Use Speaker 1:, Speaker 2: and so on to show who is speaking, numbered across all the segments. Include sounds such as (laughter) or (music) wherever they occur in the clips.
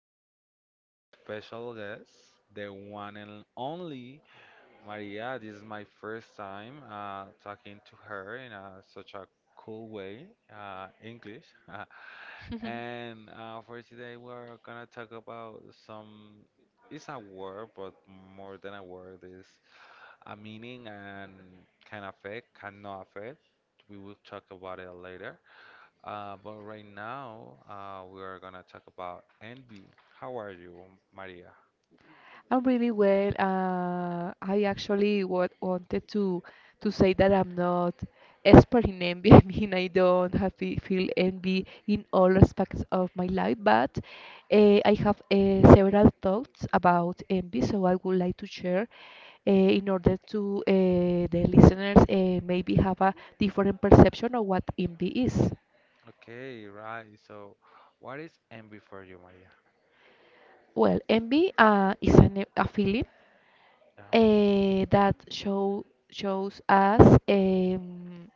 Speaker 1: now, I have an special guest, the one and only Maria. This is my first time talking to her in a, such a cool way, English. (laughs)
Speaker 2: (laughs)
Speaker 1: and for today, we're gonna talk about some. It's a word, but more than a word, is a meaning and can affect, cannot affect. We will talk about it later. But right now, we are gonna talk about envy. How are you, Maria?
Speaker 2: I'm really well. I actually what wanted to say that I'm not expert in envy. (laughs) I mean, I don't have feel envy in all aspects of my life, but I have several thoughts about envy, so I would like to share in order to the listeners maybe have a different perception of what envy is.
Speaker 1: Okay, right. So, what is envy for you, Maria?
Speaker 2: Well, envy is a feeling
Speaker 1: Yeah,
Speaker 2: that shows us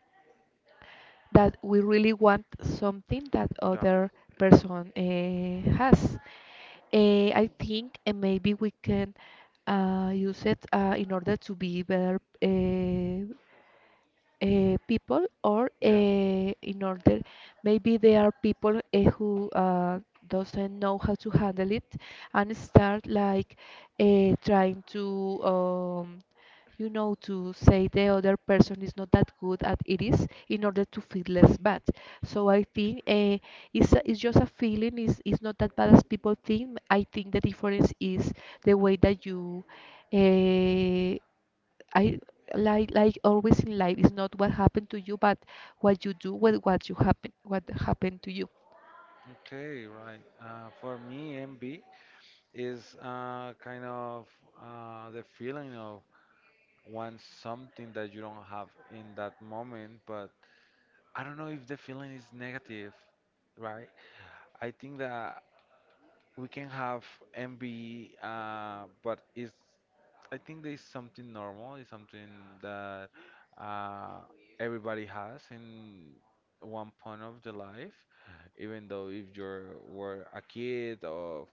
Speaker 2: that we really want something that
Speaker 1: yeah,
Speaker 2: other person has. I think and maybe we can use it in order to be better people or
Speaker 1: yeah.
Speaker 2: in order maybe there are people who doesn't know how to handle it and start like trying to you know to say the other person is not that good at it is in order to feel less bad. So I think it's, it's just a feeling. It's not that bad as people think. I think the difference is the way that you uh, I like always in life is not what happened to you, but what you do with what happened to you.
Speaker 1: Okay, right. For me, envy is kind of the feeling of want something that you don't have in that moment, but I don't know if the feeling is negative, right? I think that we can have envy, but it's I think there's something normal, it's something that uh, everybody has in one point of the life, even though if you were a kid or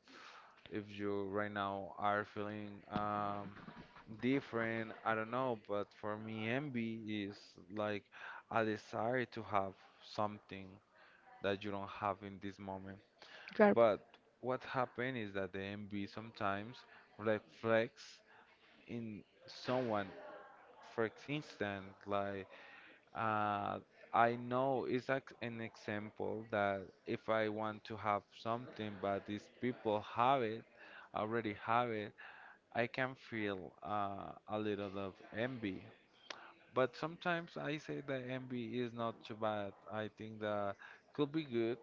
Speaker 1: if you right now are feeling different, I don't know, but for me, envy is like a desire to have something that you don't have in this moment.
Speaker 2: You are.
Speaker 1: But what happens is that the envy sometimes reflects in someone for instance, like uh, I know it's like an example that if I want to have something, but these people have it, already have it, I can feel a little of envy. But sometimes I say that envy is not too bad. I think that could be good,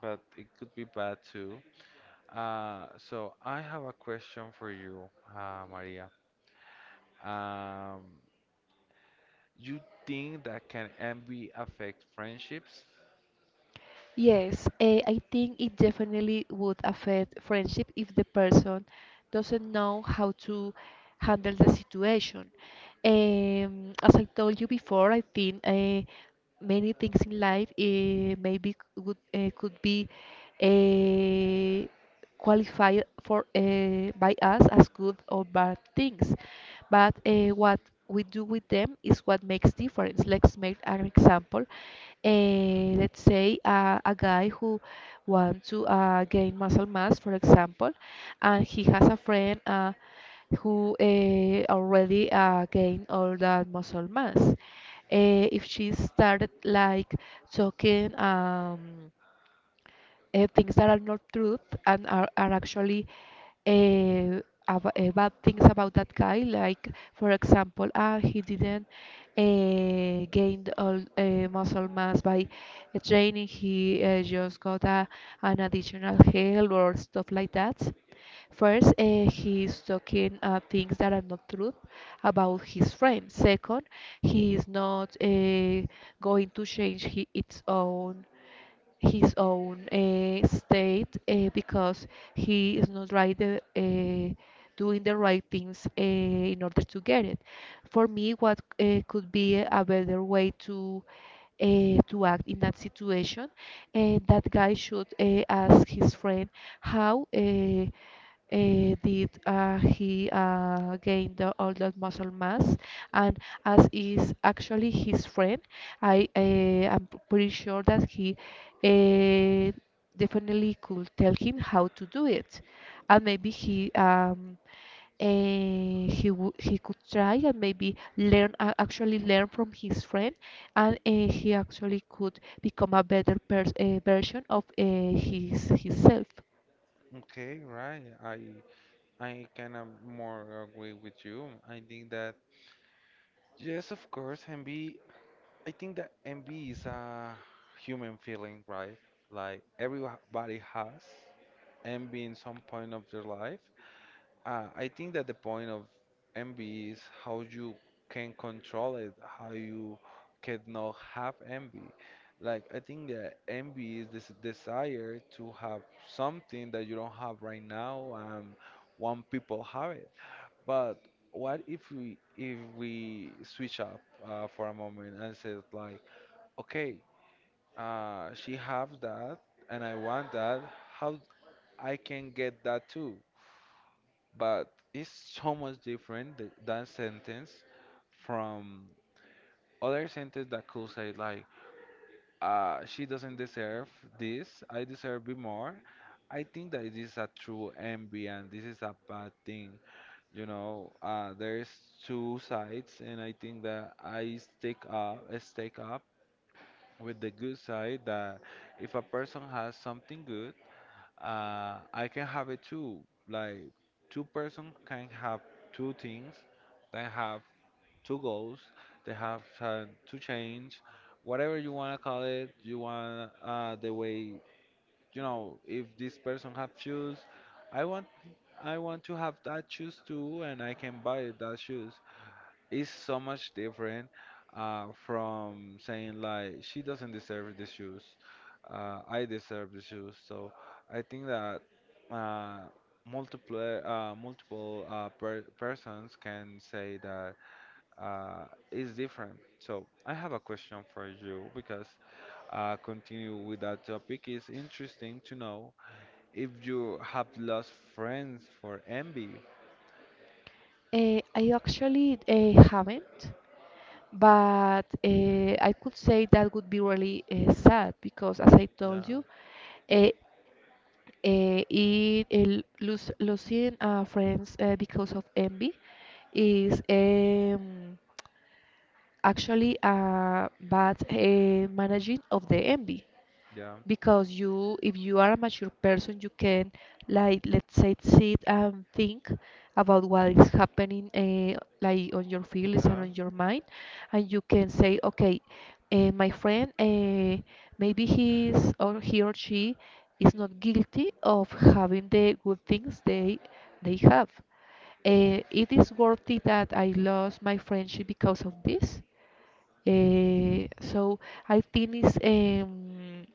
Speaker 1: but it could be bad too. So I have a question for you, Maria. Um, You think that can envy affect friendships?
Speaker 2: Yes, I think it definitely would affect friendship if the person doesn't know how to handle the situation. As I told you before, I think many things in life maybe would could be eh, qualified for by us as good or bad things. But what we do with them is what makes difference. Let's make an example. Let's say a guy who wants to gain muscle mass, for example, and he has a friend who already gained all that muscle mass. If she started like talking. Things that are not truth and are actually uh, bad things about that guy. Like, for example, he didn't gain all muscle mass by training. He just got an additional help or stuff like that. First, he's talking things that are not truth about his friend. Second, he is not going to change he, its own his own state because he is not right doing the right things in order to get it. For me, what could be a better way to act in that situation, and that guy should ask his friend how did he gain all that muscle mass? And as is actually his friend, I am pretty sure that he uh, definitely could tell him how to do it, and maybe he uh, he could try and maybe learn actually learn from his friend, and he actually could become a better version of his himself.
Speaker 1: Okay, right. I kind of more agree with you. I think that yes, of course, envy. I think that envy is a human feeling, right? Like everybody has envy in some point of their life. I think that the point of envy is how you can control it, how you cannot have envy. Like, I think that envy is this desire to have something that you don't have right now and want people have it. But what if we switch up for a moment and says like, okay, she have that and I want that. How I can get that too? But it's so much different that sentence from other sentence that could say like, she doesn't deserve this, I deserve it more. I think that this is a true envy and this is a bad thing, you know. There's two sides and I think that I stick up with the good side that if a person has something good, I can have it too. Like two-person can have two things. They have two goals. They have to change, whatever you wanna call it. You want the way, you know. If this person have shoes, I want I want to have that shoes too, and I can buy that shoes. It's so much different from saying like, she doesn't deserve the shoes. I deserve the shoes. So I think that uh, multiple persons can say that it's different. So I have a question for you because continue with that topic. It's interesting to know if you have lost friends for envy.
Speaker 2: I actually haven't, but I could say that would be really sad because, as I
Speaker 1: Yeah,
Speaker 2: told you, uh, uh, losing friends because of envy is actually a bad managing of the envy.
Speaker 1: yeah,
Speaker 2: Because you if you are a mature person, you can, like, let's say, sit and think about what is happening, like on your feelings and
Speaker 1: yeah,
Speaker 2: on your mind, and you can say, okay, my friend, maybe he or she is not guilty of having the good things they have. It is worthy that I lost my friendship because of this. So I think is um,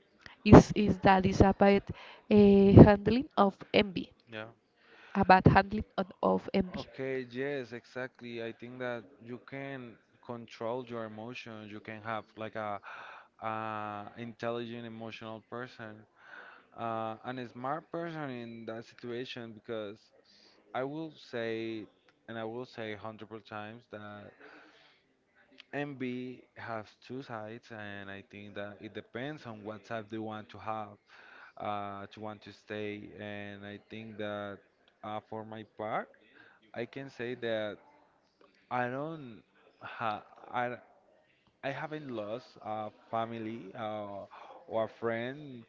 Speaker 2: is is that is about a handling of envy,
Speaker 1: yeah.
Speaker 2: about handling of envy.
Speaker 1: Okay, yes, exactly. I think that you can control your emotions. You can have like a, uh, intelligent emotional person, and a smart person in that situation because I will say, I will say hundred times that envy has two sides, and I think that it depends on what type they want to have, to want to stay, and I think that for my part, I can say that. I don't ha I I haven't lost a family or a friend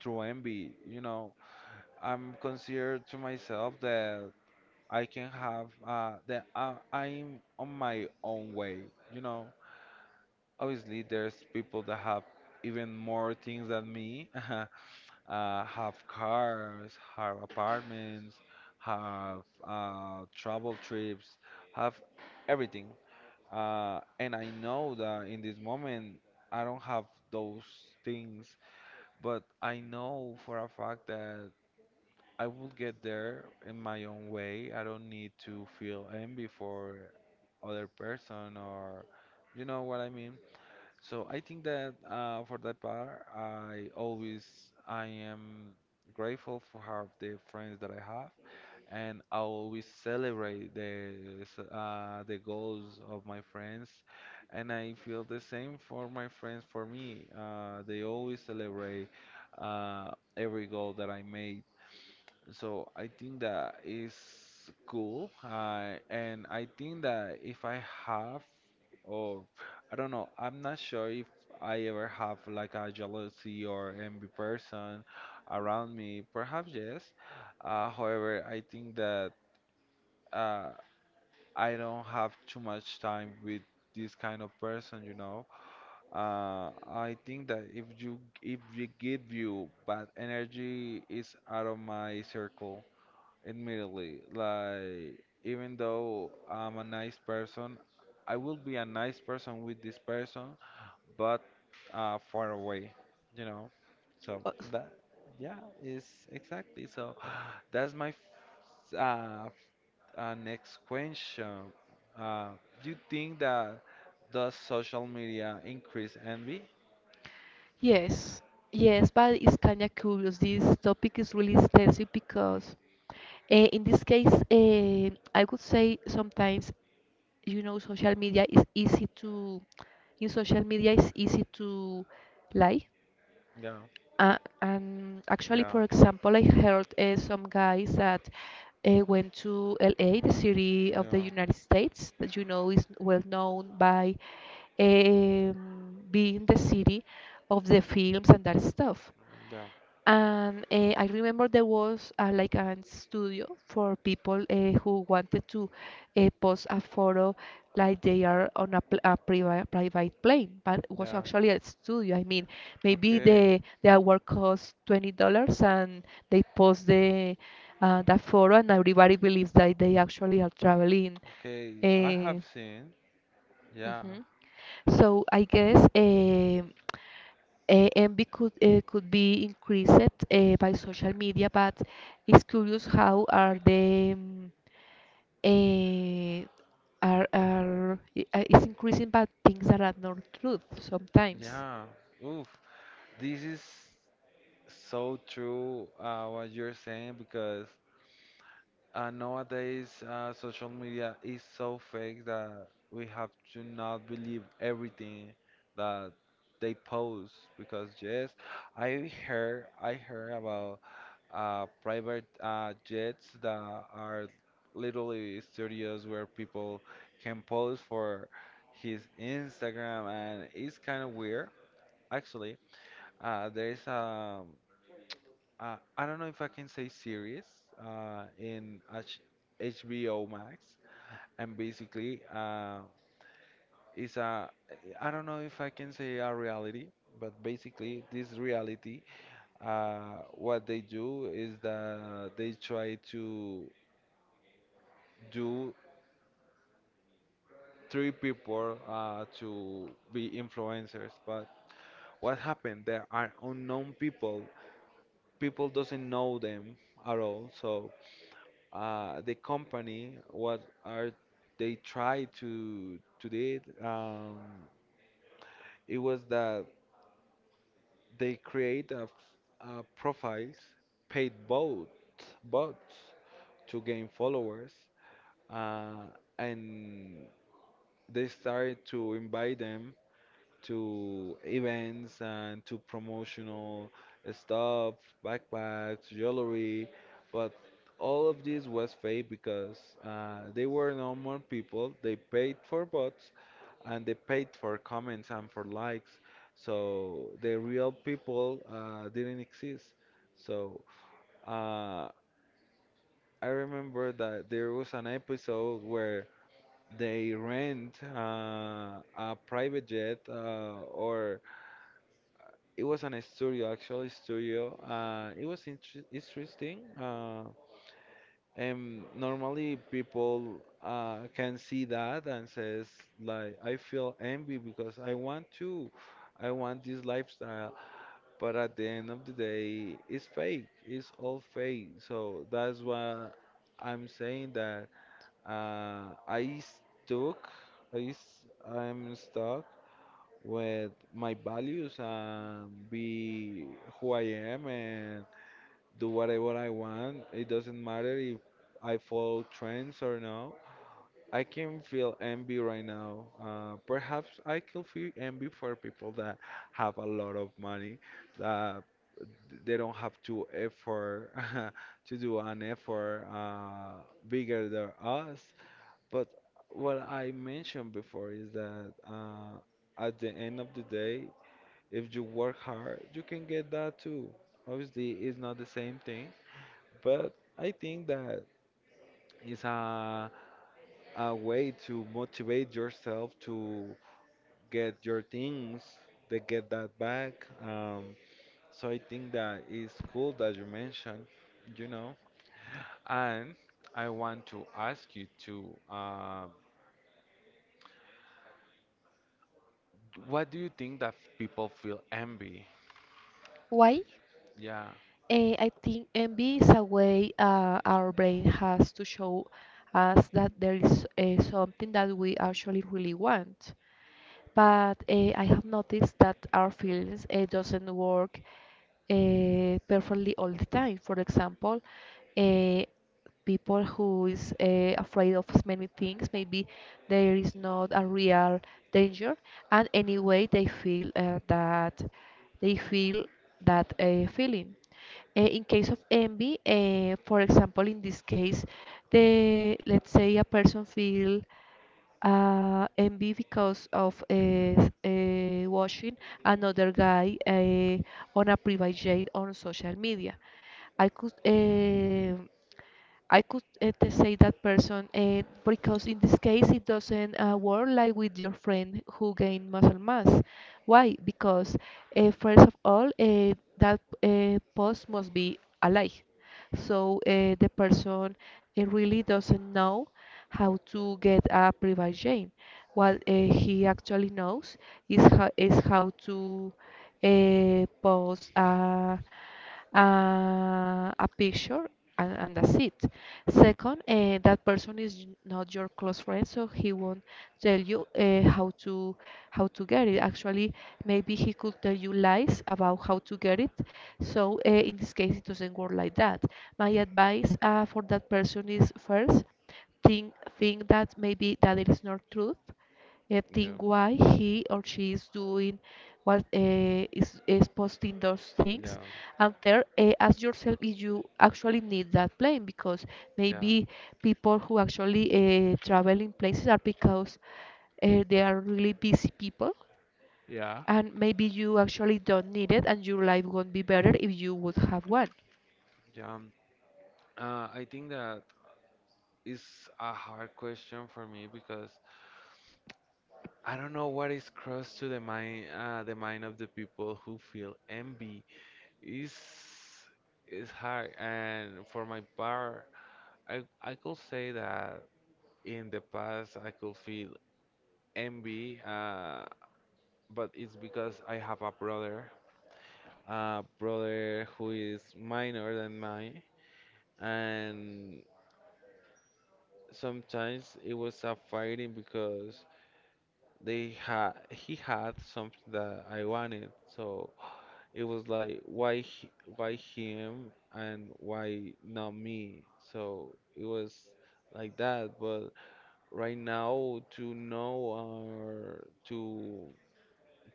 Speaker 1: through envy. You know, I'm considered to myself that I can have I'm on my own way. You know, obviously there's people that have even more things than me. (laughs) Have cars, have apartments, have travel trips, have everything. And I know that in this moment I don't have those things, but I know for a fact that I will get there in my own way. I don't need to feel envy for other person or you know what I mean. So I think that for that part, I am grateful for have the friends that I have and I always celebrate the the goals of my friends, and I feel the same for my friends. For me, they always celebrate uh, every goal that I made. So I think that is cool, and I think that if I have, or I don't know, I'm not sure if I ever have like a jealousy or envy person around me. Perhaps yes. However, I think that uh, I don't have too much time with this kind of person, you know. I think that if we give you bad energy, it's out of my circle immediately. Like even though I'm a nice person, I will be a nice person with this person, but far away, you know. So
Speaker 2: Uh,
Speaker 1: that yeah is exactly so. (gasps) That's my f- uh, next question. Uh, do you think that does social media increase envy?
Speaker 2: Yes, yes, but it's kind of curious. This topic is really extensive because in this case, I would say sometimes you know social media is easy to in social media it's easy to lie.
Speaker 1: Yeah,
Speaker 2: And actually,
Speaker 1: yeah,
Speaker 2: for example, I heard some guys that went to LA, the city of the
Speaker 1: no,
Speaker 2: United States, that you know is well known by being the city of the films and that stuff.
Speaker 1: yeah,
Speaker 2: And I remember there was like a studio for people who wanted to post a photo like they are on a private plane, but it was
Speaker 1: yeah.
Speaker 2: actually a studio. I mean, maybe
Speaker 1: Okay,
Speaker 2: the hour cost $20, and they post the that photo, and everybody believes that they actually are traveling.
Speaker 1: okay. I have
Speaker 2: Uh,
Speaker 1: seen. Yeah,
Speaker 2: mhm. So I guess. Envy could be increased by social media, but it's curious how are the eh, it's increasing by things that are not truth sometimes.
Speaker 1: yeah. Oof, this is so true. What you're saying because, nowadays, social media is so fake that we have to not believe everything that they post because yes, I heard about private jets that are literally studios where people can post for his Instagram and it's kind of weird actually. There is I don't know if I can say series in H HBO Max, and basically it's a I don't know if I can say a reality, but basically this reality, what they do is that they try to do three people to be influencers, but what happened? There are unknown people. People doesn't know them at all, so the company what are they try to do um, it was that they create a profiles paid bot bots to gain followers, uh, and they started to invite them to events and to promotional stuff, backpacks, jewelry, but all of this was fake because they were normal people. They paid for bots and they paid for comments and for likes. So the real people didn't exist. So uh, I remember that there was an episode where they rent a private jet or it was an studio, actually studio. It was interesting. And normally people can see that and says like, I feel envy because I want this lifestyle. But at the end of the day, it's fake. It's all fake. So that's why I'm saying that uh, I stuck. I'm stuck with my values and be who I am and do whatever I want. It doesn't matter if I follow trends or no. I can feel envy right now. Perhaps I can feel envy for people that have a lot of money, that they don't have to effort (laughs) to do an effort bigger than us. But what I mentioned before is that at the end of the day, if you work hard, you can get that too. Obviously, it's not the same thing, but I think that is a way to motivate yourself to get your things, to get that back. So I think that is cool that you mentioned, you know. And I want to ask you to, what do you think that people feel envy?
Speaker 2: Why?
Speaker 1: Yeah,
Speaker 2: I think envy is a way our brain has to show us that there is something that we actually really want. But I have noticed that our feelings doesn't work perfectly all the time. For example, uh, people who is afraid of many things, maybe there is not a real danger, and anyway they feel they feel that feeling. In case of envy, for example, in this case, the let's say a person feel envy because of watching another guy on a private jet on social media. I could. I could say that person because in this case it doesn't work like with your friend who gain muscle mass. Why? Because first of all, that post must be alike. So the person really doesn't know how to get a private gene. What he actually knows is how to post uh, a picture and that's it. Second, that person is not your close friend, so he won't tell you how to get it. Actually, maybe he could tell you lies about how to get it. So in this case, it doesn't work like that. My advice for that person is first think that maybe that it is not truth.
Speaker 1: you know.
Speaker 2: Think why he or she is doing what is posting those things,
Speaker 1: Yeah,
Speaker 2: and there ask yourself if you actually need that plane, because
Speaker 1: yeah,
Speaker 2: maybe people who actually travel in places are because they are really busy people,
Speaker 1: yeah,
Speaker 2: and maybe you actually don't need it and your life won't be better if you would have one.
Speaker 1: yeah. Uh, I think that is a hard question for me because I don't know what is crossed to the mind of the people who feel envy. Is is hard, and for my part, I could say that in the past I could feel envy, but it's because I have a brother who is minor than mine and sometimes it was a fighting because they had he had something that I wanted, so it was like why him and why not me? So it was like that, but right now to know or to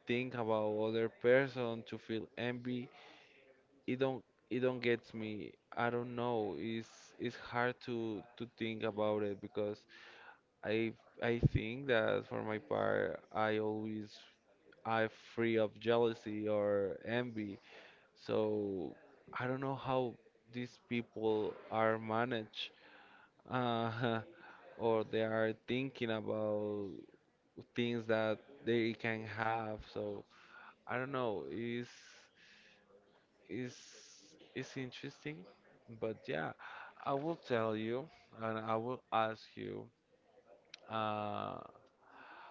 Speaker 1: think about other person to feel envy, it don't it don't gets me. I don't know. It's hard to think about it because I I think that for my part, I'm free of jealousy or envy. So I don't know how these people are managed, uh, (laughs) or they are thinking about things that they can have. So I don't know. Is is interesting, but yeah, I will tell you, and I will ask you. Uh,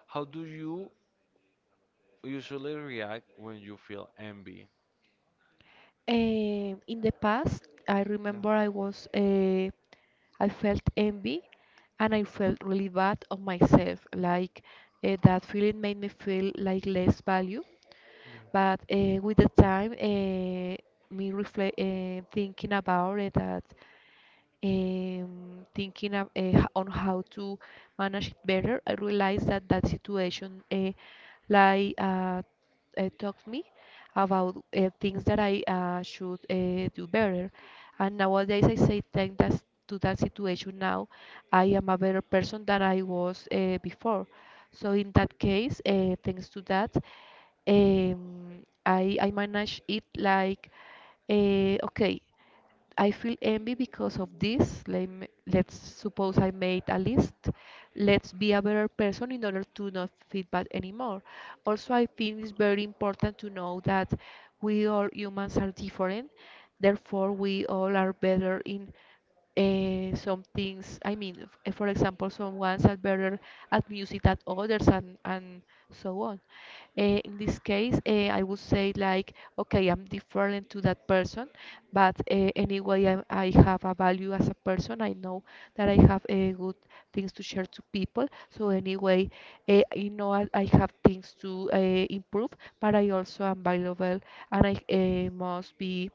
Speaker 1: how do you usually react when you feel envy?
Speaker 2: In the past, I
Speaker 1: Yeah,
Speaker 2: remember I was I felt envy and I felt really bad of myself. Like that feeling made me feel like less value.
Speaker 1: yeah.
Speaker 2: But with the time, thinking about it, that thinking of, on how to manage it better, I realized that that situation, like uh, taught me about things that I should do better. And nowadays, I say thank that to that situation. Now, I am a better person than I was before. So in that case, thanks to that, I manage it like okay. I feel envy because of this. Let's suppose I made a list. Let's be a better person in order to not feel bad anymore. Also, I think it's very important to know that we all humans are different. Therefore, we all are better in some things. I mean for example, some ones are better at music than others, and so on. In this case I would say like, okay, I'm different to that person, but anyway, I have a value as a person. I know that I have good things to share to people. So anyway, you know, I have things to improve, but I also am valuable and I must be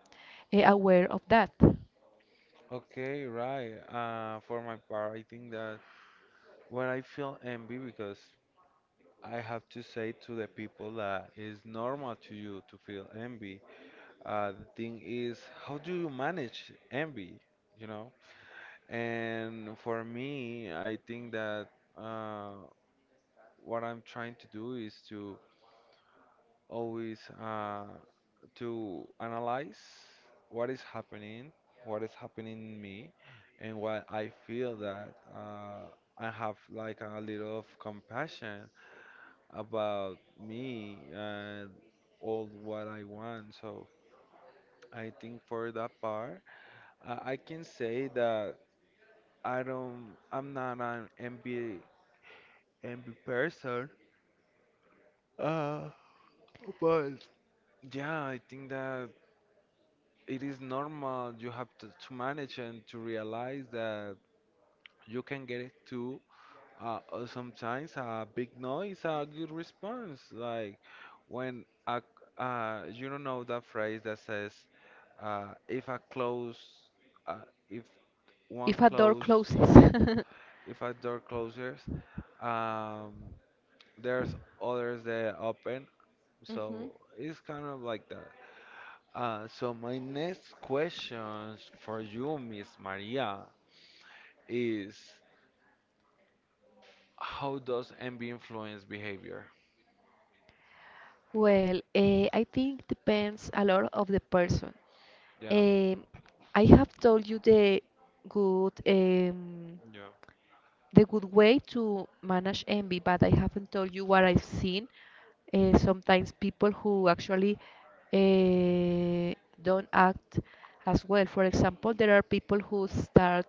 Speaker 2: aware of that.
Speaker 1: Okay, right. For my part, I think that when I feel envy, because I have to say to the people that it's normal to you to feel envy. The thing is, how do you manage envy? You know? And for me, I think that uh, what I'm trying to do is to always to analyze what is happening, what is happening in me, and what I feel that I have like a little of compassion about me and all what I want. So I think for that part, I can say that I don't, I'm not an envy person. Uh, but yeah, I think that it is normal you have to manage and to realize that you can get it too sometimes a big noise a good response like when you don't know that phrase that says uh, if a close uh, if one
Speaker 2: If a door
Speaker 1: close
Speaker 2: closes. (laughs)
Speaker 1: if a door closes, um, there's others that open,
Speaker 2: Hmm.
Speaker 1: so it's kind of like that. So my next question for you, Miss Maria, is how does envy influence behavior?
Speaker 2: Well, I think depends a lot of the person.
Speaker 1: Yeah.
Speaker 2: Um, I have told you the good um,
Speaker 1: Yeah.
Speaker 2: good way to manage envy, but I haven't told you what I've seen. Sometimes people who actually uh, don't act as well. For example, there are people who start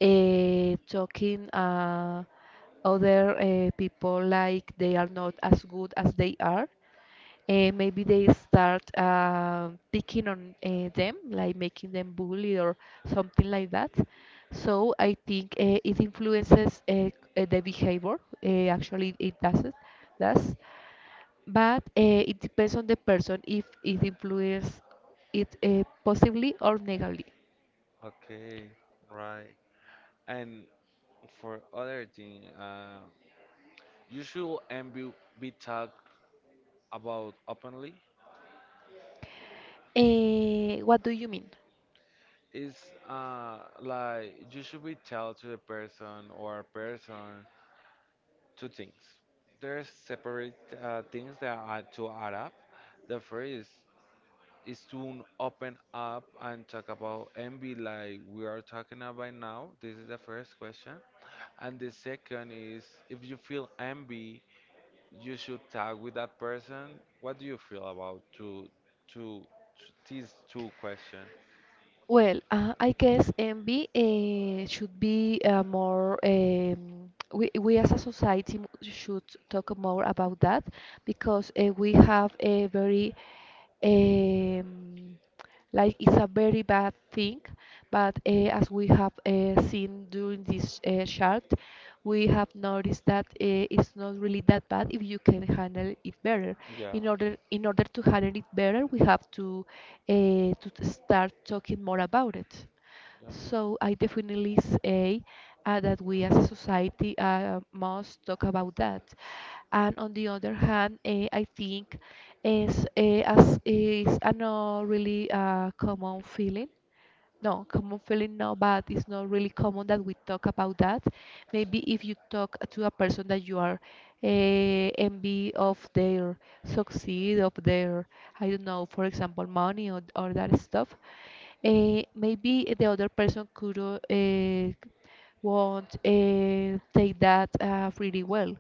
Speaker 2: talking other people like they are not as good as they are. And maybe they start picking on them, like making them bully or something like that. So I think it influences the behavior. Actually, it does but it depends on the person if it influences it positively or negatively.
Speaker 1: Okay. Right. And for other thing, you should envy be talked about openly.
Speaker 2: What do you mean?
Speaker 1: It's like you should be tell to the person or person two things. There's separate things that are to add up. The first is to open up and talk about envy like we are talking about now. This is the first question. And the second is if you feel envy, you should talk with that person. What do you feel about to these two questions?
Speaker 2: Well, I guess envy should be more. We as a society should talk more about that, because we have a very, um, like, it's a very bad thing. But as we have seen during this chart, we have noticed that it's not really that bad if you can handle it better.
Speaker 1: Yeah,
Speaker 2: In order to handle it better, we have to start talking more about it.
Speaker 1: yeah.
Speaker 2: So I definitely say that we as a society must talk about that. And on the other hand, I think is as is a no really common feeling. No, common feeling no, but it's not really common that we talk about that. Maybe if you talk to a person that you are uh, envy of their succeed, of their, I don't know, for example, money, or that stuff, maybe the other person could eh, won't take that really well.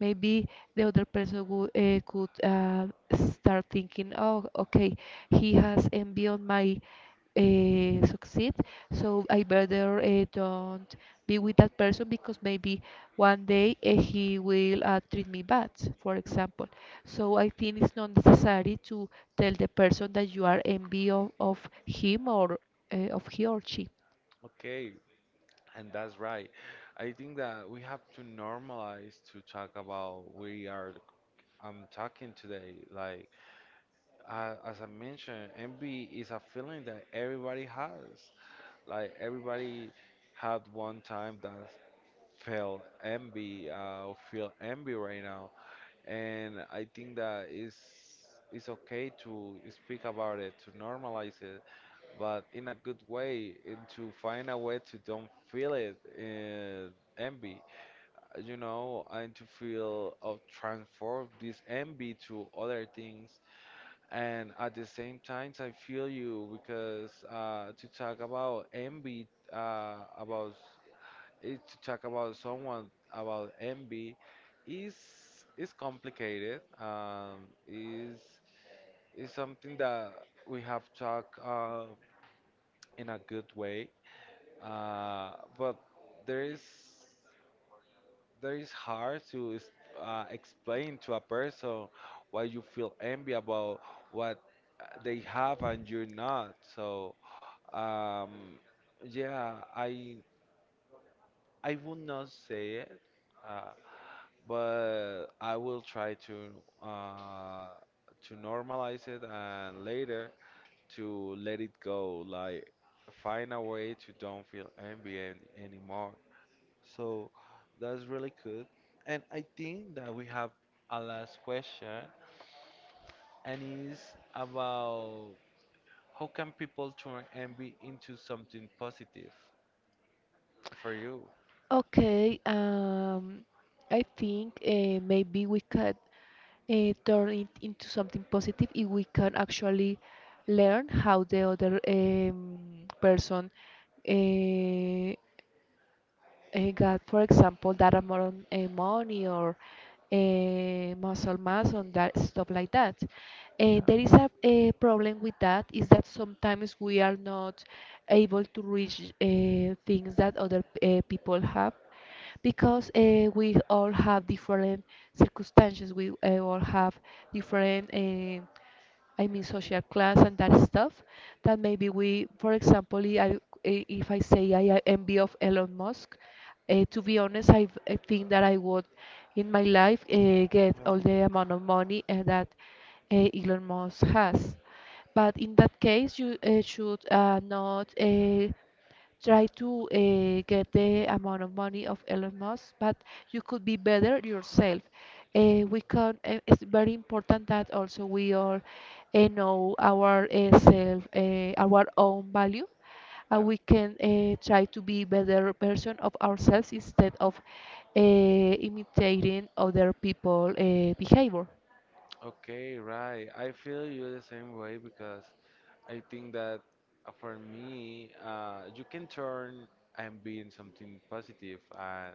Speaker 2: Maybe the other person would could start thinking, oh, okay, he has envy on my succeed, so I better don't be with that person because maybe one day he will treat me bad, for example. So I think it's not necessary to tell the person that you are envy of him, or of he or she.
Speaker 1: Okay, and that's right. I think that we have to normalize to talk about we are I'm talking today. Like as I mentioned, envy is a feeling that everybody has. Like everybody had one time that felt envy, or feel envy right now, and I think that it's okay to speak about it, to normalize it, but in a good way, and to find a way to don't feel it. Envy, and to feel of transform this envy to other things. And at the same time, I feel you because to talk about envy, about it, to talk about someone about envy is is complicated. Is something that we have talked in a good way. But there is there is hard to explain to a person why you feel envy about what they have and you're not. So um, yeah, I would not say it. Uh, but I will try uh, to normalize it and later to let it go. Like find a way to don't feel envy anymore. So that's really good. And I think that we have a last question, and is about how can people turn envy into something positive for you?
Speaker 2: Okay, I think maybe we could turn it into something positive if we can actually learn how the other person uh, got, for example, that amount of money or muscle mass and that stuff like that.
Speaker 1: Yeah.
Speaker 2: There is a problem with that, is that sometimes we are not able to reach things that other people have, because we all have different circumstances. We all have different, I mean, social class and that stuff. That maybe we, for example, if I say I envy of Elon Musk, to be honest, I think that I would, in my life, get
Speaker 1: Yeah.
Speaker 2: all the amount of money that Elon Musk has. But in that case, you should not try to get the amount of money of Elon Musk, but you could be better yourself. We can. It's very important that also we all know our self, our own value, and
Speaker 1: Yeah.
Speaker 2: we can try to be better version of ourselves instead of imitating other people behavior.
Speaker 1: Okay, right. I feel you the same way because I think that for me, you can turn and be in something positive.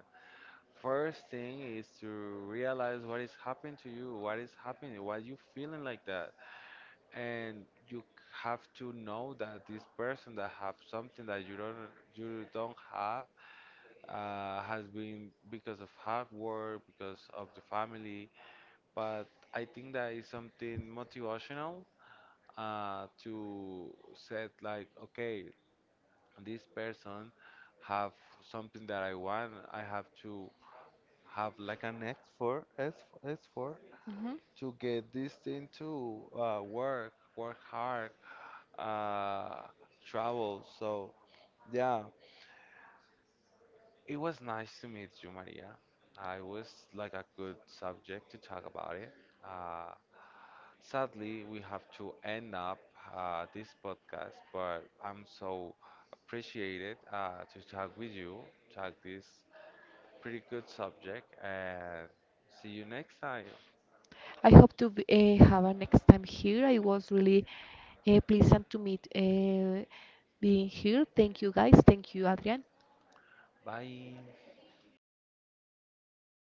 Speaker 1: First thing is to realize what is happening to you, what is happening, why you feeling like that, and you have to know that this person that have something that you don't have has been because of hard work, because of the family. But I think that is something motivational to set like, okay, this person have something that I want, I have to have like an effort, effort
Speaker 2: Mhm.
Speaker 1: to get this thing to work, work hard, uh, travel. So yeah, it was nice to meet you, Maria. I was like a good subject to talk about it. Uh, Sadly, we have to end up this podcast, but I'm so appreciated to talk with you, talk this pretty good subject. And see you next time.
Speaker 2: I hope to have a next time here. I was really pleasant to meet, being here. Thank you guys. Thank you, Adrian.
Speaker 1: Bye.